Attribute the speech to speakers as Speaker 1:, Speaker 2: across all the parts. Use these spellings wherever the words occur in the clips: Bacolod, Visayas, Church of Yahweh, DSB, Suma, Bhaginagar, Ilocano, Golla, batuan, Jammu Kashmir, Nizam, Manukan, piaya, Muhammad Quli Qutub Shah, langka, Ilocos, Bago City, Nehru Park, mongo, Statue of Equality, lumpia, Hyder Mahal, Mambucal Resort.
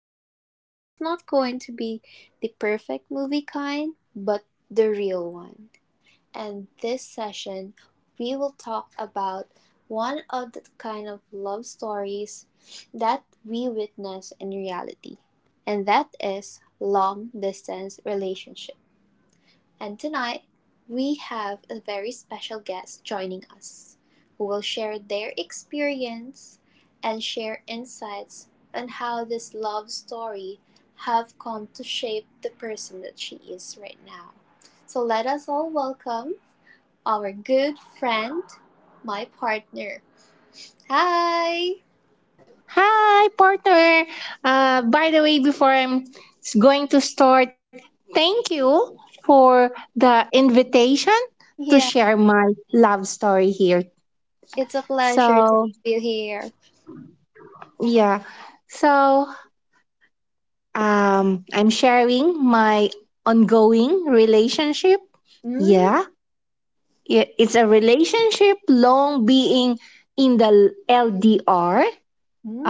Speaker 1: And it's not going to be the perfect movie kind, but the real one, and this session we will talk about one of the kind of love stories that we witness in reality, and that is long distance relationship. And tonight we have a very special guest joining us who will share their experience and share insights on how this love story have come to shape the person that she is right now. So let us all welcome our good friend, my partner. Hi!
Speaker 2: Hi, partner. By the way, before I'm going to start, thank you for the invitation to
Speaker 1: Yeah,
Speaker 2: share my love story here.
Speaker 1: it's a pleasure to have
Speaker 2: So,
Speaker 1: you here.
Speaker 2: yeah. So, I'm sharing my ongoing relationship.
Speaker 1: Mm.
Speaker 2: Yeah, yeah. It's a relationship long being in the LDR,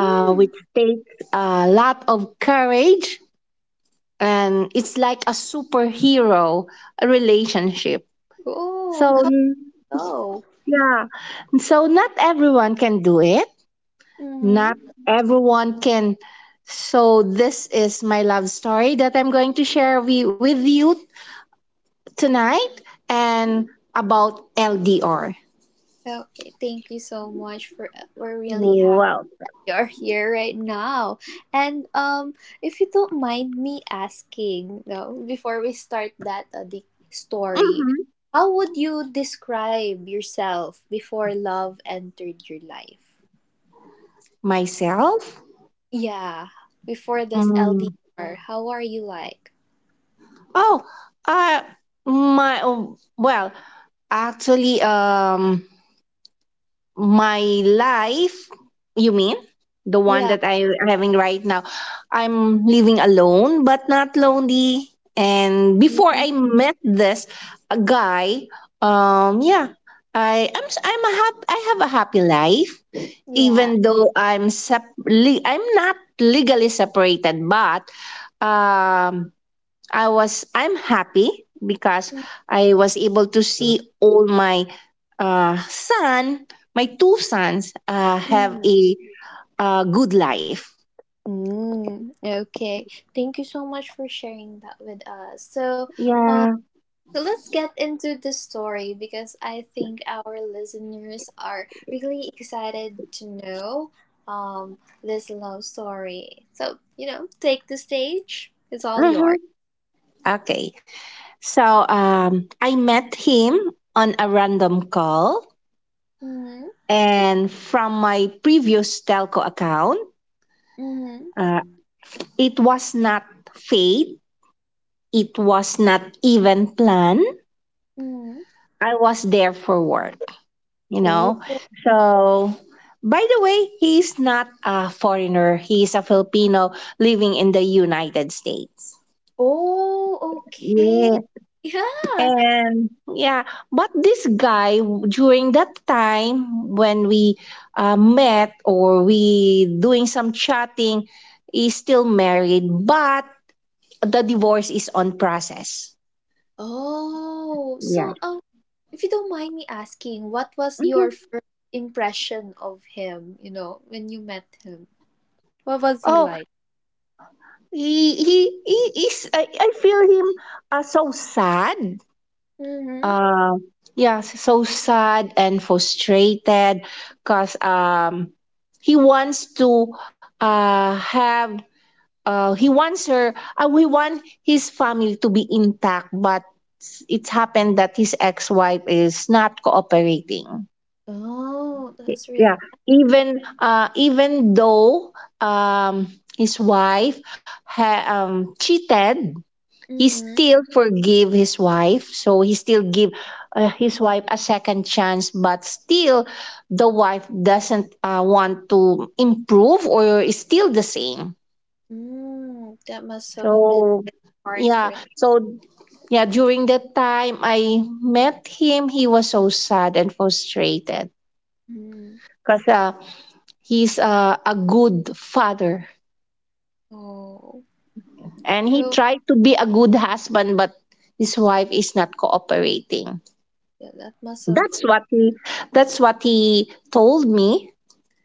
Speaker 2: which takes a lot of courage, and it's like a superhero relationship.
Speaker 1: Oh,
Speaker 2: So
Speaker 1: hello.
Speaker 2: yeah, so not everyone can do it. Not
Speaker 1: Mm-hmm.
Speaker 2: everyone can. So this is my love story that I'm going to share with you tonight and about LDR.
Speaker 1: Okay, thank you so much for we're really happy
Speaker 2: Wow.
Speaker 1: you're here right now. And if you don't mind me asking, no, before we start that the story,
Speaker 2: hmm
Speaker 1: how would you describe yourself before love entered your life?
Speaker 2: myself.
Speaker 1: Yeah, before this
Speaker 2: Mm.
Speaker 1: LDR, how are you like?
Speaker 2: Oh, uh, my oh, well, actually, My life, you mean the one
Speaker 1: Yeah.
Speaker 2: that I'm having right now? I'm living alone but not lonely, and
Speaker 1: Mhm.
Speaker 2: before I met this guy, um yeah I am s- I'm a hap- I have a happy life.
Speaker 1: Yeah.
Speaker 2: Even though I'm not legally separated, but um I'm happy because I was able to see all my uh, son, my two sons have
Speaker 1: Mm.
Speaker 2: a good life.
Speaker 1: Mm, okay, thank you so much for sharing that with us. So, uh,
Speaker 2: Yeah.
Speaker 1: so let's get into the story because I think our listeners are really excited to know this love story. So, you know, take the stage. It's all
Speaker 2: Mm-hmm.
Speaker 1: yours.
Speaker 2: Okay. So, I met him on a random call,
Speaker 1: Mm-hmm.
Speaker 2: and from my previous telco account,
Speaker 1: Mm-hmm.
Speaker 2: uh, it was not fate. It was not even planned.
Speaker 1: Mm-hmm.
Speaker 2: I was there for work, you know. So, by the way, he's not a foreigner. He's a Filipino living in the United States.
Speaker 1: Oh, okay.
Speaker 2: Yeah.
Speaker 1: Yeah.
Speaker 2: And yeah, but this guy during that time when we met, or we doing some chatting, is still married, but the divorce is on process.
Speaker 1: Oh, so
Speaker 2: Yeah.
Speaker 1: if you don't mind me asking, what was your
Speaker 2: Mhm.
Speaker 1: first impression of him, you know, when you met him? What was he
Speaker 2: Oh,
Speaker 1: like?
Speaker 2: he is. I feel him so sad,
Speaker 1: Mm-hmm.
Speaker 2: uh so sad and frustrated because he wants to have he wants her, we want his family to be intact, but it's happened that his ex-wife is not cooperating.
Speaker 1: Oh, that's really.
Speaker 2: Yeah, even though, um his wife cheated, he
Speaker 1: Mm-hmm.
Speaker 2: still forgive his wife. So he still give his wife a second chance, but still the wife doesn't want to improve, or is still the same.
Speaker 1: Mm, that must have been
Speaker 2: So
Speaker 1: really hard for
Speaker 2: yeah,
Speaker 1: him.
Speaker 2: so yeah, during that time I met him, he was so sad and frustrated
Speaker 1: Mm.
Speaker 2: because he's a good father,
Speaker 1: Oh,
Speaker 2: and
Speaker 1: so
Speaker 2: he tried to be a good husband, but his wife is not cooperating.
Speaker 1: yeah, that must have.
Speaker 2: That's what he that's what he told me.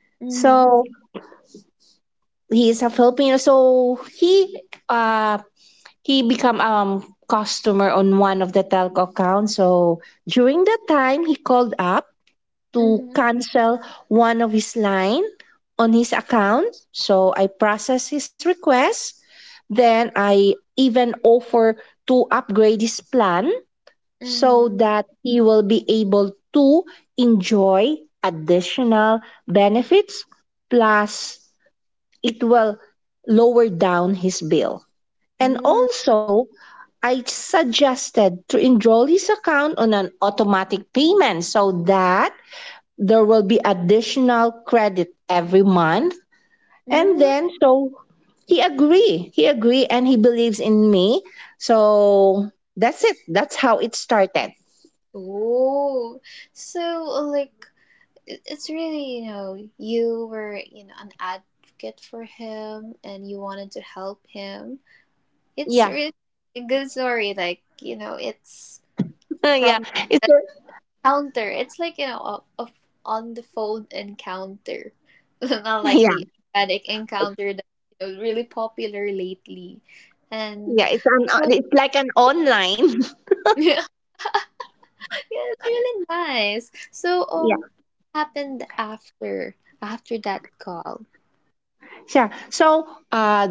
Speaker 1: Mhm.
Speaker 2: So he's a Filipino. So uh he become customer on one of the telco accounts. So during that time he called up to
Speaker 1: Mhm.
Speaker 2: cancel one of his line on his account. So I process his request. Then I even offer to upgrade his plan so
Speaker 1: Mhm.
Speaker 2: that he will be able to enjoy additional benefits, plus it will lower down his bill. And
Speaker 1: Mm.
Speaker 2: also I suggested to enroll his account on an automatic payment so that there will be additional credit every month. And
Speaker 1: Mm.
Speaker 2: then so he agreed, and he believes in me. So that's it, that's how it started.
Speaker 1: Oh, so like it's really, you know, you were, you know, an advocate for him and you wanted to help him. It's
Speaker 2: Yeah
Speaker 1: really a good story, like, you know, it's
Speaker 2: Yeah,
Speaker 1: from
Speaker 2: it's
Speaker 1: the
Speaker 2: a,
Speaker 1: counter. It's like, you know, a, on the phone encounter, not like
Speaker 2: yeah,
Speaker 1: the organic encounter that, you know, really popular lately. And
Speaker 2: yeah. It's an
Speaker 1: so,
Speaker 2: It's like an online.
Speaker 1: yeah, it's really nice, so
Speaker 2: Yeah,
Speaker 1: what happened after that call?
Speaker 2: sure. So,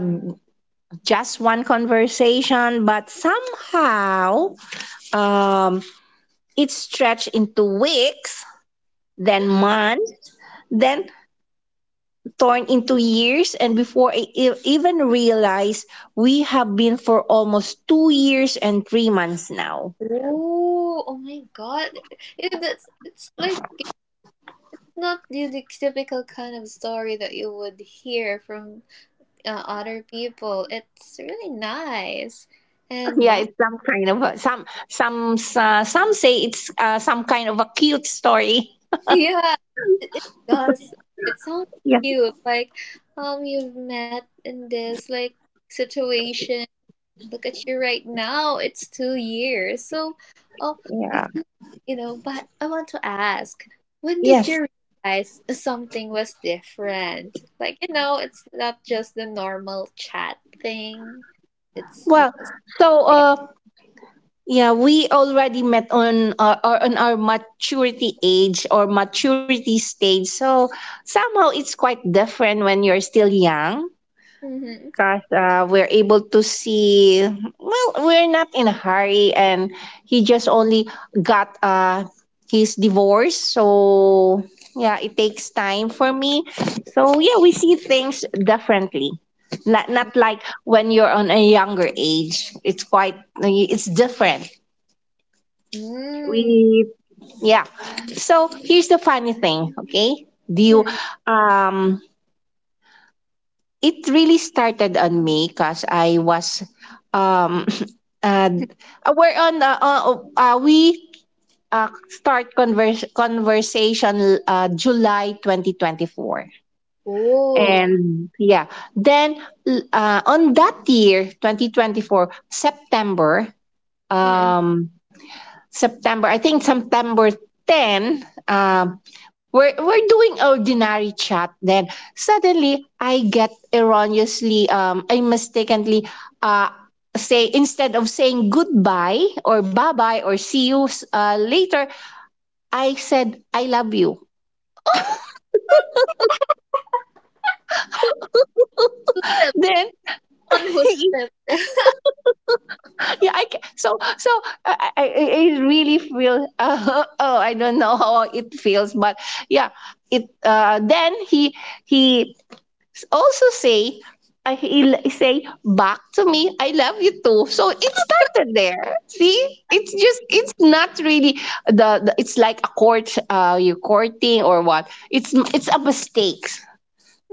Speaker 2: just one conversation, but somehow, um, it stretched into weeks, then months, then turned into years, and before I even realized, we have been for almost 2 years and 3 months now.
Speaker 1: Oh, oh my God. It, that's, it's like it's not the typical kind of story that you would hear from other people. It's really nice. And
Speaker 2: Yeah,
Speaker 1: wow.
Speaker 2: it's some kind of a, some say it's some kind of a cute story.
Speaker 1: Yeah, it does. It sounds cute. Like, you've met in this like situation, look at you right now. It's 2 years. So, oh,
Speaker 2: Yeah.
Speaker 1: if you know, but I want to ask, when did
Speaker 2: Yes.
Speaker 1: you realize something was different? Like, you know, it's not just the normal chat thing. It's, you
Speaker 2: Well,
Speaker 1: know, it's
Speaker 2: so
Speaker 1: there.
Speaker 2: uh yeah, we already met on or on our maturity age or maturity stage. So somehow it's quite different when you're still young.
Speaker 1: Mm-hmm.
Speaker 2: Podcast, we're able to see, well, we're not in a hurry, and he just only got his divorce. So, yeah, it takes time for me. So, yeah, we see things differently. Not like when you're on a younger age. It's different.
Speaker 1: Mm-hmm.
Speaker 2: We, yeah. So, here's the funny thing, okay? Do you,
Speaker 1: Mm-hmm.
Speaker 2: um, it really started on me because I was um and we're on we start conversation July 2024.
Speaker 1: Oh.
Speaker 2: And yeah, then on that year 2024 September,
Speaker 1: Mm-hmm.
Speaker 2: um September. I think September 10, we're doing ordinary chat. Then suddenly, I get erroneously, I mistakenly uh, say, instead of saying goodbye or bye bye or see you later, I said, I love you.
Speaker 1: Yeah, the
Speaker 2: Then,
Speaker 1: one who slipped.
Speaker 2: yeah, I, ca- so, so I really feel, oh, I don't know how it feels, but yeah, it, then he also say, I he'll say back to me, I love you too. So it started there. See, it's just, it's not really the it's like a court, you courting or what? It's a mistake.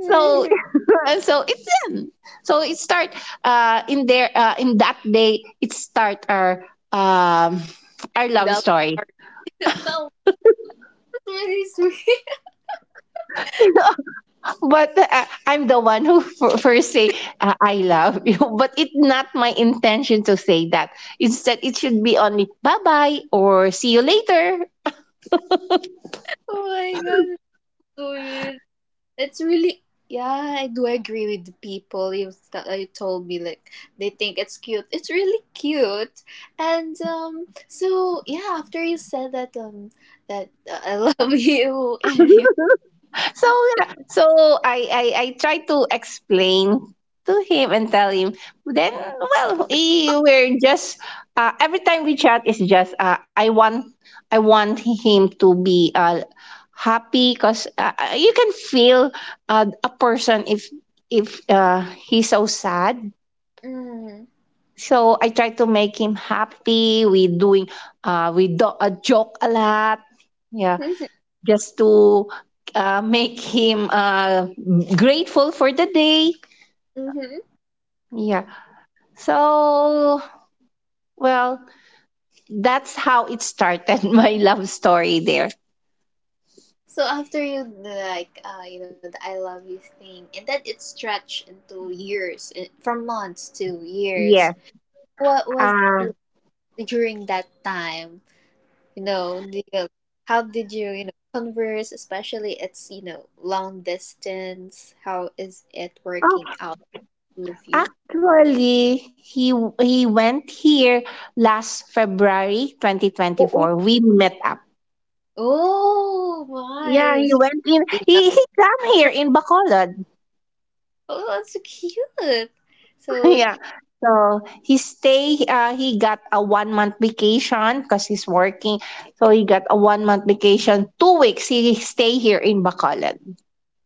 Speaker 2: So and so it's in. So it start in there, in that day it start um our love
Speaker 1: That
Speaker 2: story.
Speaker 1: part. That was really sweet.
Speaker 2: But I'm the one who first say, I love you, but it's not my intention to say that. Instead, it should be only bye bye or see you later.
Speaker 1: Oh my God, it's sweet. It's really, yeah, I do agree with the people you you told me like they think it's cute. It's really cute, and so yeah. After you said that I love you and you.
Speaker 2: So yeah, so I tried to explain to him and tell him. Then well, we're just, every time we chat is just, I want him to be happy, because you can feel a person if he's so sad.
Speaker 1: Mm.
Speaker 2: So I try to make him happy. We do a joke a lot. Yeah, just to make him grateful for the day.
Speaker 1: Mm-hmm.
Speaker 2: Yeah. So, well, that's how it started, my love story there.
Speaker 1: So after you like, you know, the I love you thing, and then it stretched into years, from months to years.
Speaker 2: Yes.
Speaker 1: What was
Speaker 2: Uh,
Speaker 1: it during that time? You know the How did you, you know, converse, especially it's, you know, long distance, how is it
Speaker 2: oh,
Speaker 1: working out with you?
Speaker 2: Actually, he went here last February
Speaker 1: Oh,
Speaker 2: 2024. We met up.
Speaker 1: oh my,
Speaker 2: Yeah, he
Speaker 1: it's
Speaker 2: went in.
Speaker 1: really
Speaker 2: He came here in Bacolod.
Speaker 1: oh, that's so cute, so
Speaker 2: Yeah. So he stay. He got a 1 month vacation because he's working. So he got a 1 month vacation. 2 weeks he stay here in Bacolod.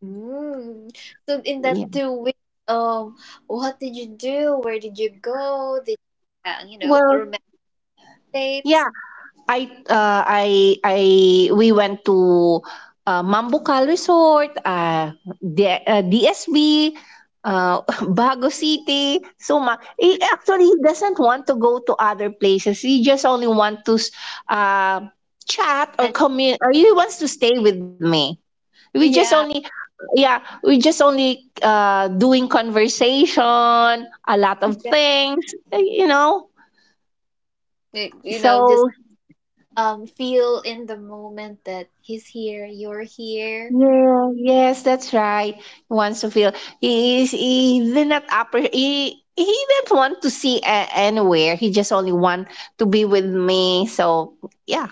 Speaker 1: mm, so in that
Speaker 2: Yeah.
Speaker 1: 2 weeks um what did you do, where did you go, did you, you know,
Speaker 2: Well,
Speaker 1: romantic dates,
Speaker 2: yeah. I uh, I I We went to Mambucal Resort, DSB, uh, Bago City, Suma. He actually doesn't want to go to other places. He just only want to uh, chat or
Speaker 1: and
Speaker 2: commun. Or he wants to stay with me. We just
Speaker 1: yeah.
Speaker 2: only Yeah, we just only doing conversation, a lot of
Speaker 1: Yeah,
Speaker 2: things, you know.
Speaker 1: you know, just
Speaker 2: So
Speaker 1: feel in the moment that he's here, you're here,
Speaker 2: yeah, yes, that's right. He wants to feel, he did not he didn't want to see anywhere. He just only want to be with me. So yeah,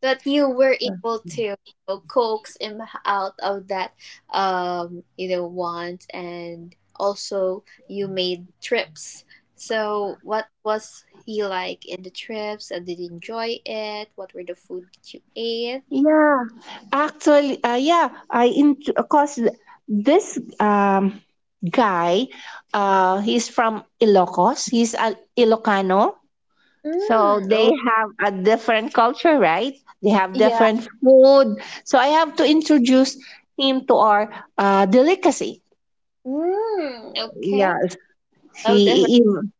Speaker 1: that you were able to, you know, coax him out of that, you know want and also you made trips. So what was he like in the trips? And did you enjoy it? What were the food that you ate?
Speaker 2: yeah. Actually, yeah. I in cause this guy, he's from Ilocos. He's a Ilocano. So
Speaker 1: Mm,
Speaker 2: they
Speaker 1: oh
Speaker 2: have a different culture, right? They have
Speaker 1: yeah.
Speaker 2: different food. So I have to introduce him to our delicacy.
Speaker 1: Mm, okay.
Speaker 2: Yeah,
Speaker 1: Love that.
Speaker 2: he even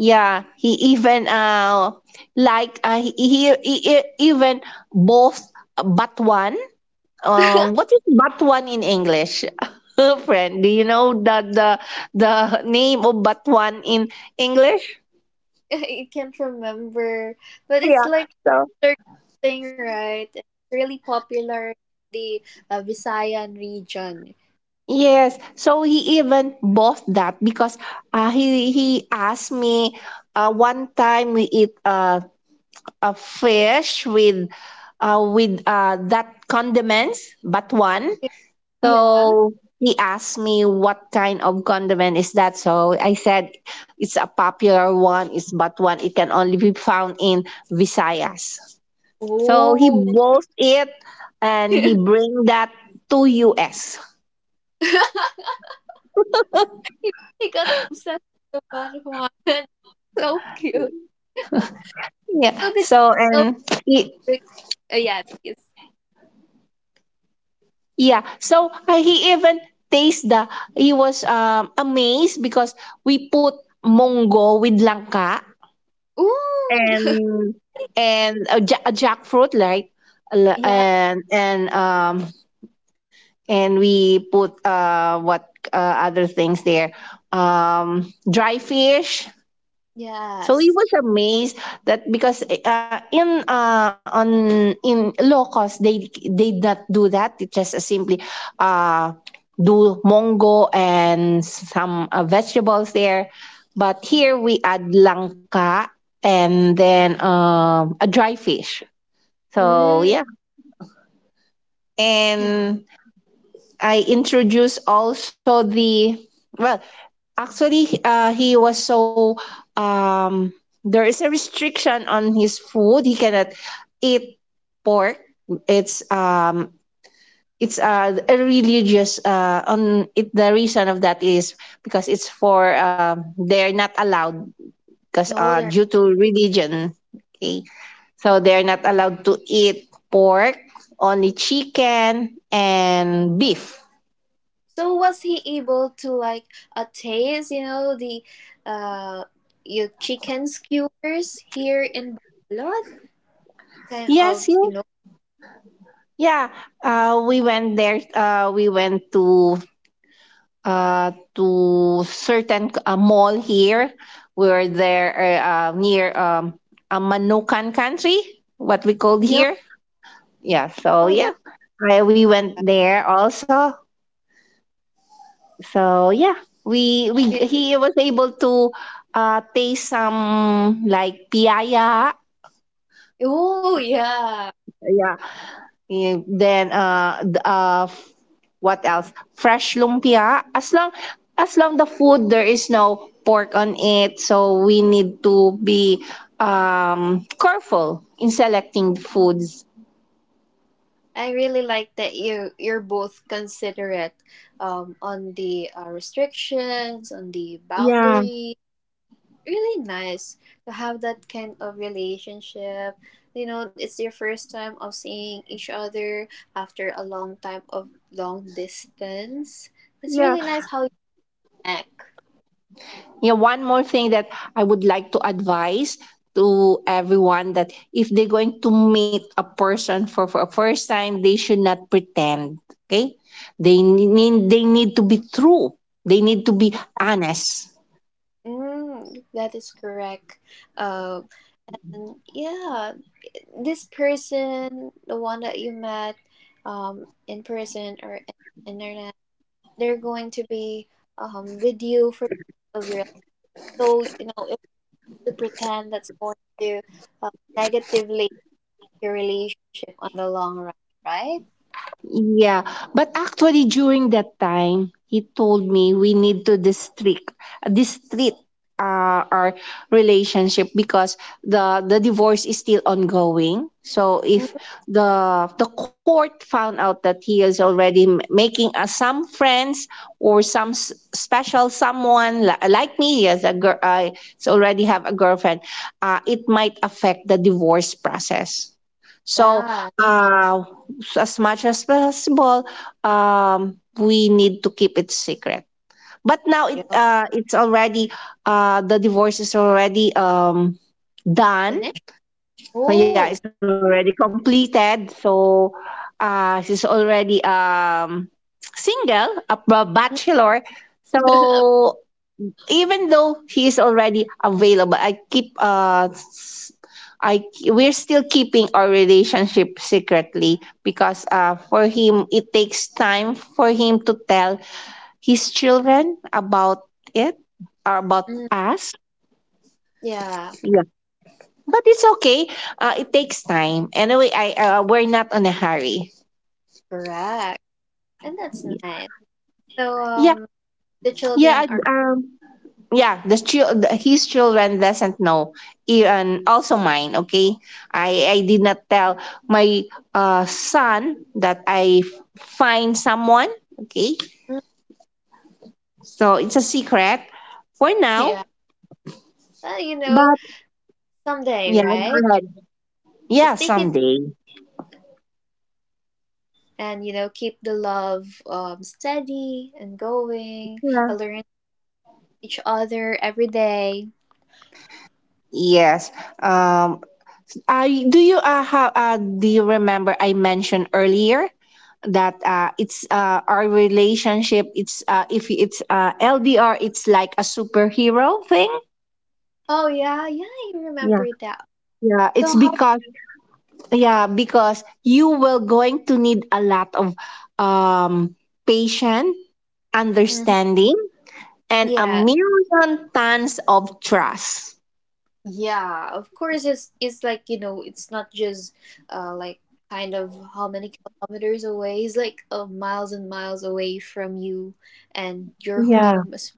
Speaker 2: yeah he even like, he even both batuan. What is batuan in English? Friend, do you know the name of batuan in English?
Speaker 1: I can't remember, but it's
Speaker 2: Yeah.
Speaker 1: like
Speaker 2: so.
Speaker 1: circle thing, right? It's really popular in the Visayan region.
Speaker 2: Yes. So he even bought that because he asked me one time we eat a fish with that condiments but one.
Speaker 1: Yeah.
Speaker 2: So he asked me what kind of condiment is that. So I said it's a popular one. It's but one. It can only be found in Visayas. So he
Speaker 1: Oh.
Speaker 2: bought it and
Speaker 1: he,
Speaker 2: he bring that to US.
Speaker 1: he got obsessed with the marijuana. So cute.
Speaker 2: Yeah.
Speaker 1: So did
Speaker 2: So
Speaker 1: Oh,
Speaker 2: and he.
Speaker 1: wait. Yeah, please.
Speaker 2: Yeah. So he even taste the, he was amazed because we put mongo with langka,
Speaker 1: Ooh.
Speaker 2: and a jackfruit like, l-
Speaker 1: Yeah.
Speaker 2: and and um and we put what uh, other things there, dry fish. So he
Speaker 1: Yes.
Speaker 2: was amazed that because in Locos they did not do that. It just simply uh, do mongo and some vegetables there, but here we add langka and then a dry fish. So
Speaker 1: Mm.
Speaker 2: yeah,
Speaker 1: He's
Speaker 2: and I introduced also the, well, actually, he was so um, there is a restriction on his food. He cannot eat pork. It's um, it's A religious on it. The reason of that is because it's for, they're not allowed because
Speaker 1: older.
Speaker 2: due to religion. Okay, so they're not allowed to eat pork, only chicken and beef.
Speaker 1: So was he able to like, taste, you know, the uh, your chicken skewers here in Bacolod? Kind of,
Speaker 2: Yes,
Speaker 1: you
Speaker 2: you.
Speaker 1: know.
Speaker 2: Yeah, we went there. We went to certain mall here where there, near, a Manukan country, what we called
Speaker 1: Yeah.
Speaker 2: here. Yeah,
Speaker 1: Oh
Speaker 2: so
Speaker 1: yeah.
Speaker 2: yeah, we went there also. So yeah, we
Speaker 1: It-
Speaker 2: he was able to taste some like piaya.
Speaker 1: oh yeah.
Speaker 2: Yeah, yeah, then what else? Fresh lumpia. As long the food there is no pork on it, so we need to be careful in selecting foods.
Speaker 1: I really like that you're both considerate, on the restrictions, on the
Speaker 2: Yeah,
Speaker 1: boundaries. Really nice to have that kind of relationship. You know, it's your first time of seeing each other after a long time of long distance. It's
Speaker 2: yeah,
Speaker 1: really nice how you connect.
Speaker 2: yeah. One more thing that I would like to advise to everyone, that if they're going to meet a person for a first time, they should not pretend. Okay, they need to be true. They need to be
Speaker 1: Yeah.
Speaker 2: honest.
Speaker 1: Mm, that is correct. Uh, and yeah, this person, the one that you met in person or in internet, they're going to be, with you for the rest of your life. So, you know, to pretend that's going to, uh, negatively affect your relationship on the long run, right?
Speaker 2: Yeah, but actually during that time, he told me we need to district district our relationship because the divorce is still ongoing. So if
Speaker 1: Mm,
Speaker 2: the court found out that he is already making some friends or special someone like me, yes, a girl, I already have a girlfriend. It might affect the divorce process. So,
Speaker 1: yeah,
Speaker 2: uh, as much as possible, we need to keep it secret. But now
Speaker 1: you
Speaker 2: it's already the divorce is already done.
Speaker 1: finish.
Speaker 2: So yeah, it's
Speaker 1: Oh.
Speaker 2: already completed. So she's already single, a bachelor.
Speaker 1: Mm.
Speaker 2: So even though he is already available, I keep s- I we're still keeping our relationship secretly because for him it takes time for him to tell his children about it or about
Speaker 1: mm,
Speaker 2: us.
Speaker 1: yeah,
Speaker 2: Yeah, but it's okay. It takes time anyway. I We're not on a hurry.
Speaker 1: correct, and that's nice. So
Speaker 2: Yeah.
Speaker 1: the
Speaker 2: yeah I,
Speaker 1: children are
Speaker 2: um yeah, the his children doesn't know. And also mine, okay. I did not tell my son that find someone, okay.
Speaker 1: mm,
Speaker 2: So it's a secret for now.
Speaker 1: yeah, well, you know,
Speaker 2: But
Speaker 1: someday,
Speaker 2: yeah, go
Speaker 1: right?
Speaker 2: ahead. Yeah,
Speaker 1: Just take it
Speaker 2: someday.
Speaker 1: and, you know, keep the love steady and going.
Speaker 2: Yeah,
Speaker 1: Learn each other every day.
Speaker 2: yes. um do you have, do you remember I mentioned earlier that it's our relationship, it's if it's LDR, it's like a superhero thing.
Speaker 1: Oh yeah, yeah, I
Speaker 2: Yeah.
Speaker 1: remember that.
Speaker 2: Yeah, it's
Speaker 1: So how?
Speaker 2: because yeah, because you will going to need a lot of um patience,
Speaker 1: Mhm.
Speaker 2: understanding, and a
Speaker 1: Yeah,
Speaker 2: million tons of trust.
Speaker 1: yeah. Of course, it's like, you know, it's not just like kind of how many kilometers away. It's like, miles and miles away from you and your
Speaker 2: Yeah,
Speaker 1: home is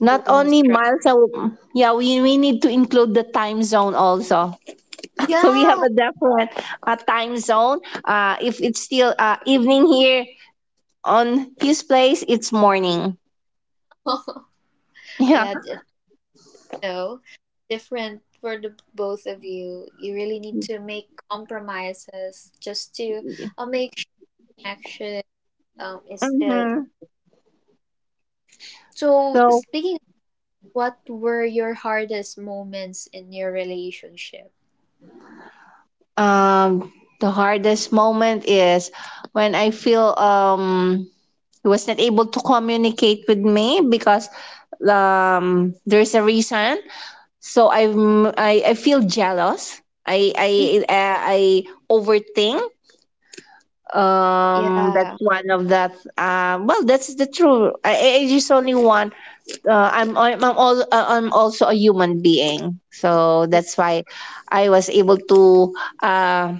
Speaker 2: not
Speaker 1: really needs
Speaker 2: only
Speaker 1: truck.
Speaker 2: yeah, we need to include the time zone also. So we have
Speaker 1: Yeah,
Speaker 2: a different time zone. If it's still evening here on his place, it's morning. Yeah.
Speaker 1: yeah. No, different for the both of you. You really need to make compromises just to, make sure action is still.
Speaker 2: Mm-hmm.
Speaker 1: So
Speaker 2: So
Speaker 1: speaking What were your hardest moments in your relationship?
Speaker 2: um, the hardest moment is when I feel he was not able to communicate with me because there's a reason. So I feel jealous. I I
Speaker 1: Mm,
Speaker 2: I overthink.
Speaker 1: yeah.
Speaker 2: That's one of that. Well, that's the truth. I just only want. I'm, I'm also a human being, so
Speaker 1: Yeah.
Speaker 2: that's why I was able to uh,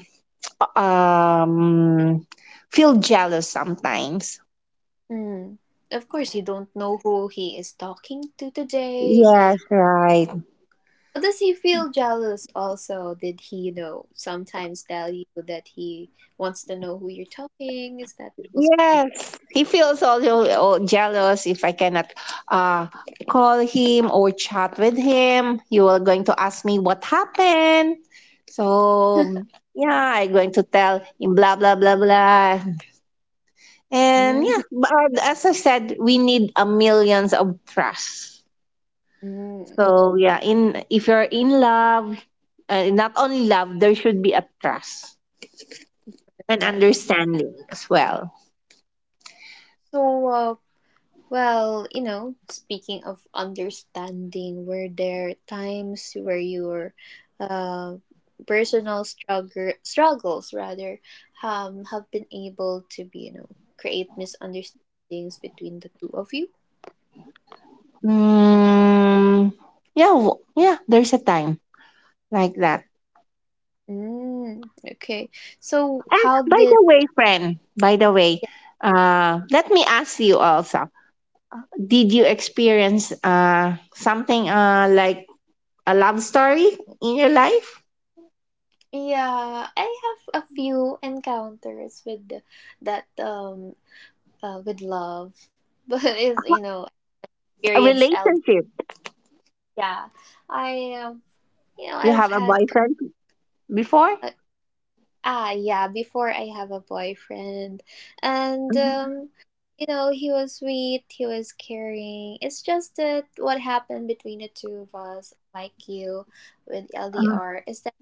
Speaker 2: um feel jealous sometimes.
Speaker 1: Mm. Of course, you don't know who he is talking to today.
Speaker 2: Yes, right.
Speaker 1: Does he feel jealous also? Did he, you know, sometimes tell you that he wants to know who you're talking? Is that also?
Speaker 2: Yes, he feels also, oh, jealous if I cannot uh, call him or chat with him. You are going to ask me what happened. So, yeah, I'm going to tell him blah, blah, blah, blah. And
Speaker 1: Mm.
Speaker 2: yeah, but as I said, we need a millions of trust.
Speaker 1: Mm.
Speaker 2: So, yeah, in if you're in love, not only love, there should be a trust and
Speaker 1: Like,
Speaker 2: understanding as well.
Speaker 1: so, well, you know, speaking of understanding, were there times where your, uh, personal struggles rather have been able to be, you know, create misunderstandings between the two of you?
Speaker 2: Mm, yeah, yeah, there's a time like that.
Speaker 1: Mm, okay. So
Speaker 2: And
Speaker 1: how
Speaker 2: by
Speaker 1: did
Speaker 2: the way, friend, by the way, let me ask you also, did you experience something like a love story in your life?
Speaker 1: Yeah, I have a few encounters with that with love, but it's, you know,
Speaker 2: A
Speaker 1: experience L. D.
Speaker 2: relationship?
Speaker 1: Yeah, I. You know,
Speaker 2: You
Speaker 1: I've
Speaker 2: have a
Speaker 1: had,
Speaker 2: boyfriend before?
Speaker 1: uh, yeah, before I have a boyfriend, and
Speaker 2: Mhm.
Speaker 1: you know, he was sweet, he was caring. It's just that what happened between the two of us, like you with
Speaker 2: Uh,
Speaker 1: LDR, is that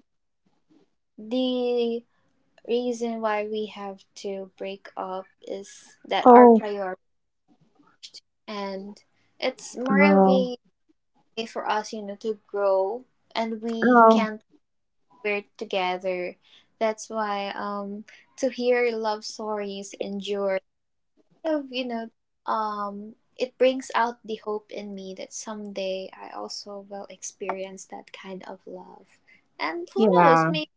Speaker 1: the reason why we have to break up is that our
Speaker 2: oh,
Speaker 1: priority, and it's more of
Speaker 2: oh,
Speaker 1: a way for us, you know, to grow, and we
Speaker 2: oh,
Speaker 1: can't we're together. That's why to hear love stories endure kind of, you know, it brings out the hope in me that someday I also will experience that kind of love. And who knows,
Speaker 2: yeah,
Speaker 1: maybe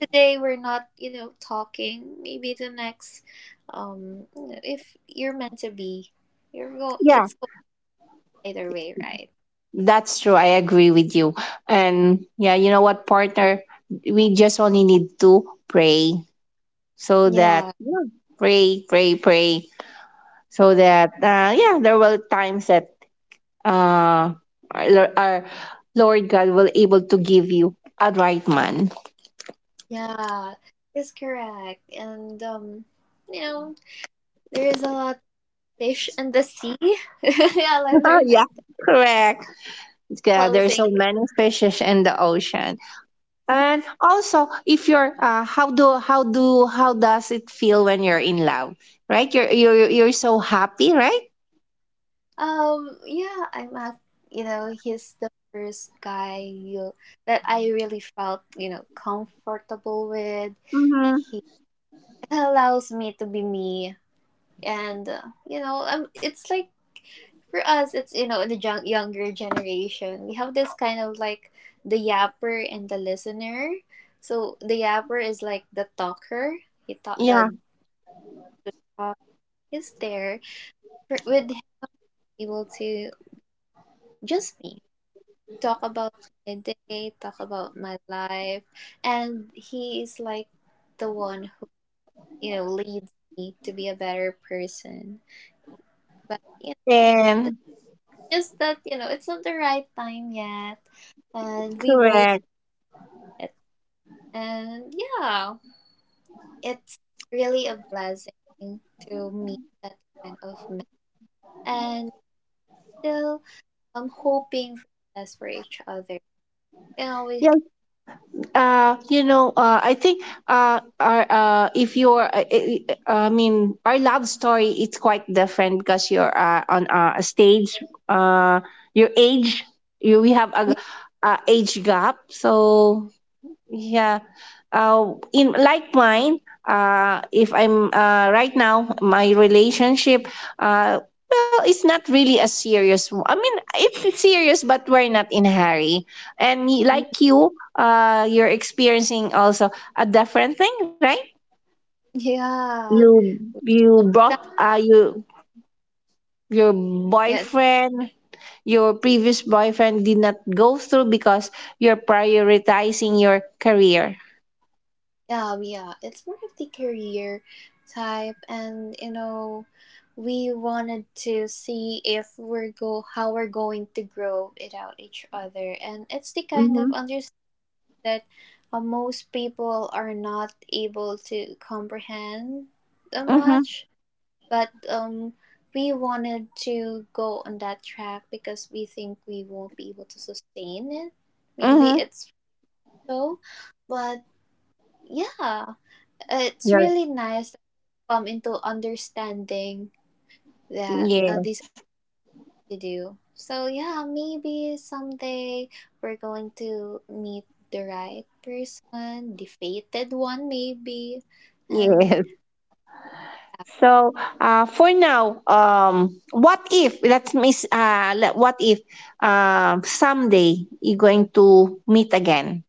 Speaker 1: today we're not, you know, talking. Maybe the next if you're meant to be, you're go
Speaker 2: yeah,
Speaker 1: it's going either way, right?
Speaker 2: that's true. I agree with you. And yeah, you know what, partner? We just only need to pray so that
Speaker 1: Yeah,
Speaker 2: yeah, pray, pray, pray, so that yeah, there will times that uh, our, our Lord God will able to give you a right man.
Speaker 1: yeah, it's correct. And you know, there is a lot fish in the sea. Yeah, I learned
Speaker 2: Yeah,
Speaker 1: like that
Speaker 2: correct. Yeah,
Speaker 1: little
Speaker 2: there's so
Speaker 1: thing.
Speaker 2: many fishes in the ocean, and also if you're how do how does it feel when you're in love, right? You're so happy, right?
Speaker 1: Yeah, I'm at, you know, he's the first guy you, that I really felt, you know, comfortable with.
Speaker 2: Mm-hmm.
Speaker 1: He allows me to be me, and you know, it's like for us, it's, you know, younger generation, we have this kind of like the yapper and the listener. So the yapper is like the talker. He talk,
Speaker 2: Yeah,
Speaker 1: the talk is there with him able to just me talk about my day, talk about my life, and he is like the one who, you know, leads me to be a better person, but, you know, it's
Speaker 2: and
Speaker 1: just that, you know, it's not the right time yet, and we both
Speaker 2: correct.
Speaker 1: are it, and yeah, it's really a blessing to meet that kind of man, and still I'm hoping for the best for each other. You know, we
Speaker 2: Yeah, you know, I think our if you're mean our love story, it's quite different because you're on a stage, uh your age, you we have
Speaker 1: can,
Speaker 2: a age gap so yeah. In like mine, if I'm right now, my relationship, uh, well, it's not really a serious. I mean, it's serious, but we're not in a hurry. And
Speaker 1: yeah.
Speaker 2: like you, you're experiencing also a different thing, right?
Speaker 1: Yeah,
Speaker 2: You you
Speaker 1: that,
Speaker 2: brought you your
Speaker 1: yeah,
Speaker 2: boyfriend, your previous boyfriend did not go through because you're prioritizing your career.
Speaker 1: yeah, yeah. It's more of the career type, and you know, we wanted to see if we're go how we're going to grow without each other, and it's the kind
Speaker 2: Mm-hmm.
Speaker 1: of understanding that most people are not able to comprehend that
Speaker 2: Mm-hmm.
Speaker 1: much, but. We wanted to go on that track because we think we won't be able to sustain it. Maybe
Speaker 2: Mm-hmm.
Speaker 1: it's so, but yeah, it's
Speaker 2: Right.
Speaker 1: really nice to come into understanding that
Speaker 2: Yeah,
Speaker 1: these are to do. So yeah, maybe someday we're going to meet the right person, the fated one maybe, and
Speaker 2: yeah. So, for now, what if let's miss, let, what if, someday you're going to meet again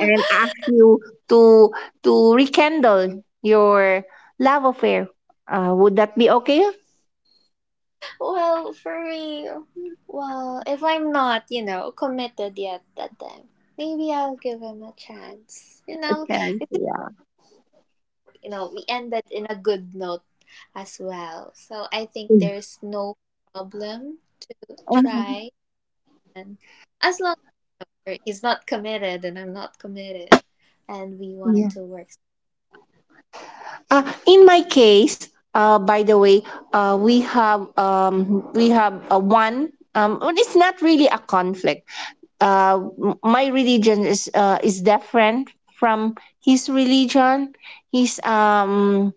Speaker 2: and ask you to to rekindle your love affair? Would that be okay?
Speaker 1: well, for me, well, if I'm not, you know, committed yet that time, maybe I'll give him a chance. You know,
Speaker 2: Yes, yeah.
Speaker 1: you know we ended in a good note as well, so I think there's no problem to
Speaker 2: Mhm.
Speaker 1: try, and as long as he's not committed and I'm not committed and we wanted
Speaker 2: Yeah.
Speaker 1: to work.
Speaker 2: In my case, by the way, we have a one. Well, it's not really a conflict. uh, my religion is different from his religion. He's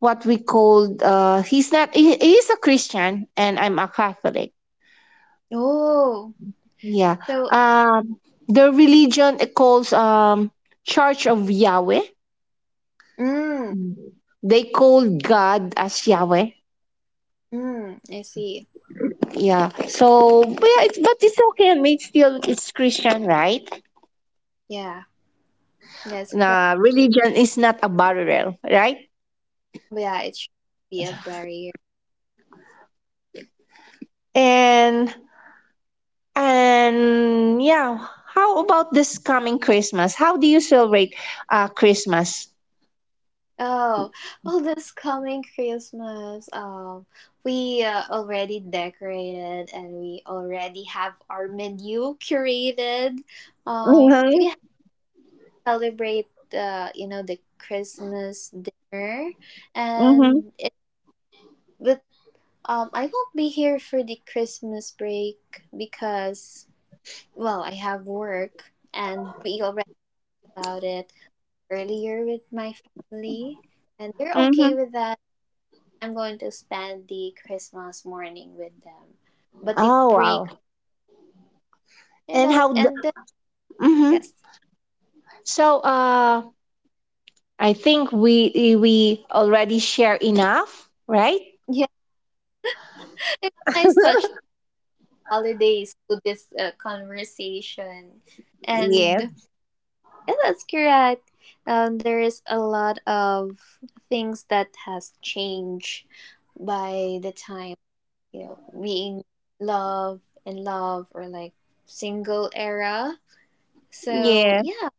Speaker 2: what we called, he's not he, he's a Christian and I'm a Catholic.
Speaker 1: Oh.
Speaker 2: Yeah.
Speaker 1: So.
Speaker 2: Um, their religion it calls Church of Yahweh.
Speaker 1: Mm.
Speaker 2: They call God as Yahweh.
Speaker 1: Mm. I see.
Speaker 2: Yeah. So but yeah, it's but it's okay. I mean, still it's Christian, right?
Speaker 1: Yeah, that's
Speaker 2: Nah,
Speaker 1: correct.
Speaker 2: religion is not a barrier, right?
Speaker 1: Yeah, it should be a barrier.
Speaker 2: And And yeah, how about this coming Christmas? How do you celebrate Christmas?
Speaker 1: Oh, well, this coming Christmas, we already decorated and we already have our menu curated. We
Speaker 2: Mm-hmm.
Speaker 1: celebrate, you know, the Christmas dinner,
Speaker 2: Mm-hmm.
Speaker 1: and it, but I won't be here for the Christmas break because, well, I have work, and we already about it earlier with my family, and they're okay
Speaker 2: Mm-hmm.
Speaker 1: with that. I'm going to spend the Christmas morning with them. But the
Speaker 2: Oh
Speaker 1: pre
Speaker 2: wow! And
Speaker 1: that
Speaker 2: how? The,
Speaker 1: and then
Speaker 2: mm-hmm.
Speaker 1: yes.
Speaker 2: So I think we already share enough, right?
Speaker 1: Yeah. It's nice touch the holidays to this, conversation.
Speaker 2: Yeah.
Speaker 1: And yeah, that's correct. There is a lot of things that has changed by the time, you know, being love and love or like single era. So
Speaker 2: Yeah.
Speaker 1: yeah.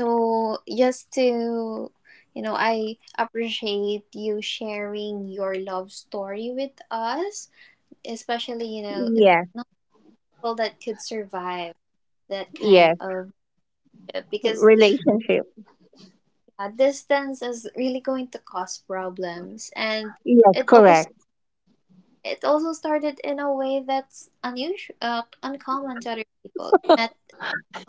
Speaker 1: So just to, you know, I appreciate you sharing your love story with us. Especially, you know, it's
Speaker 2: Yeah.
Speaker 1: not people that could survive that
Speaker 2: Yeah.
Speaker 1: kind of ship, because
Speaker 2: Relationship.
Speaker 1: yeah, distance is really going to cause problems, and
Speaker 2: Yes,
Speaker 1: it also,
Speaker 2: correct.
Speaker 1: it also started in a way that's unusual, uncommon to other people. Met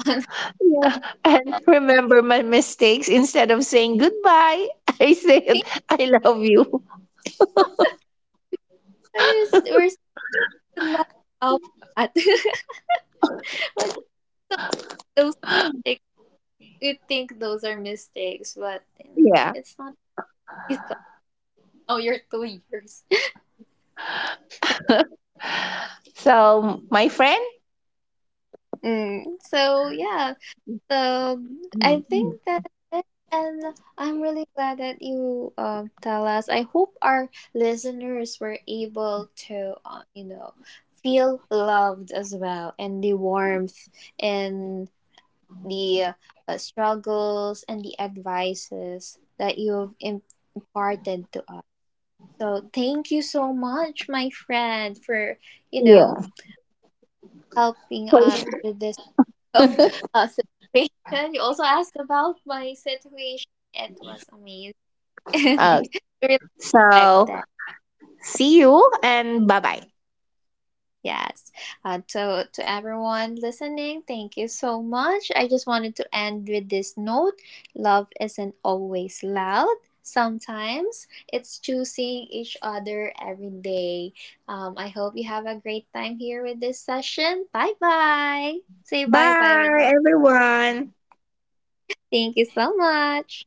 Speaker 1: on
Speaker 2: Yeah. And remember my mistakes. Instead of saying goodbye, I said I love you.
Speaker 1: we're still laugh about that. But those, you think those are mistakes, but, you know,
Speaker 2: Yeah.
Speaker 1: it's not. It's oh, you're 2 years.
Speaker 2: So, my friend,
Speaker 1: Mm, so yeah, so I think that's it, and I'm really glad that you, tell us. I hope our listeners were able to, you know, feel loved as well, and the warmth and the, struggles and the advices that you've imparted to us. So thank you so much, my friend, for, you
Speaker 2: yeah,
Speaker 1: know, helping us
Speaker 2: please.
Speaker 1: with this um, situation. You also asked about my situation. It was amazing.
Speaker 2: Uh,
Speaker 1: Really like
Speaker 2: so,
Speaker 1: that.
Speaker 2: see you and bye bye.
Speaker 1: Yes. So, to everyone listening, thank you so much. I just wanted to end with this note, love isn't always loud. Sometimes it's choosing each other every day. I hope you have a great time here with this session. Bye bye. Say bye bye with
Speaker 2: Bye,
Speaker 1: the.
Speaker 2: everyone.
Speaker 1: Thank you so much.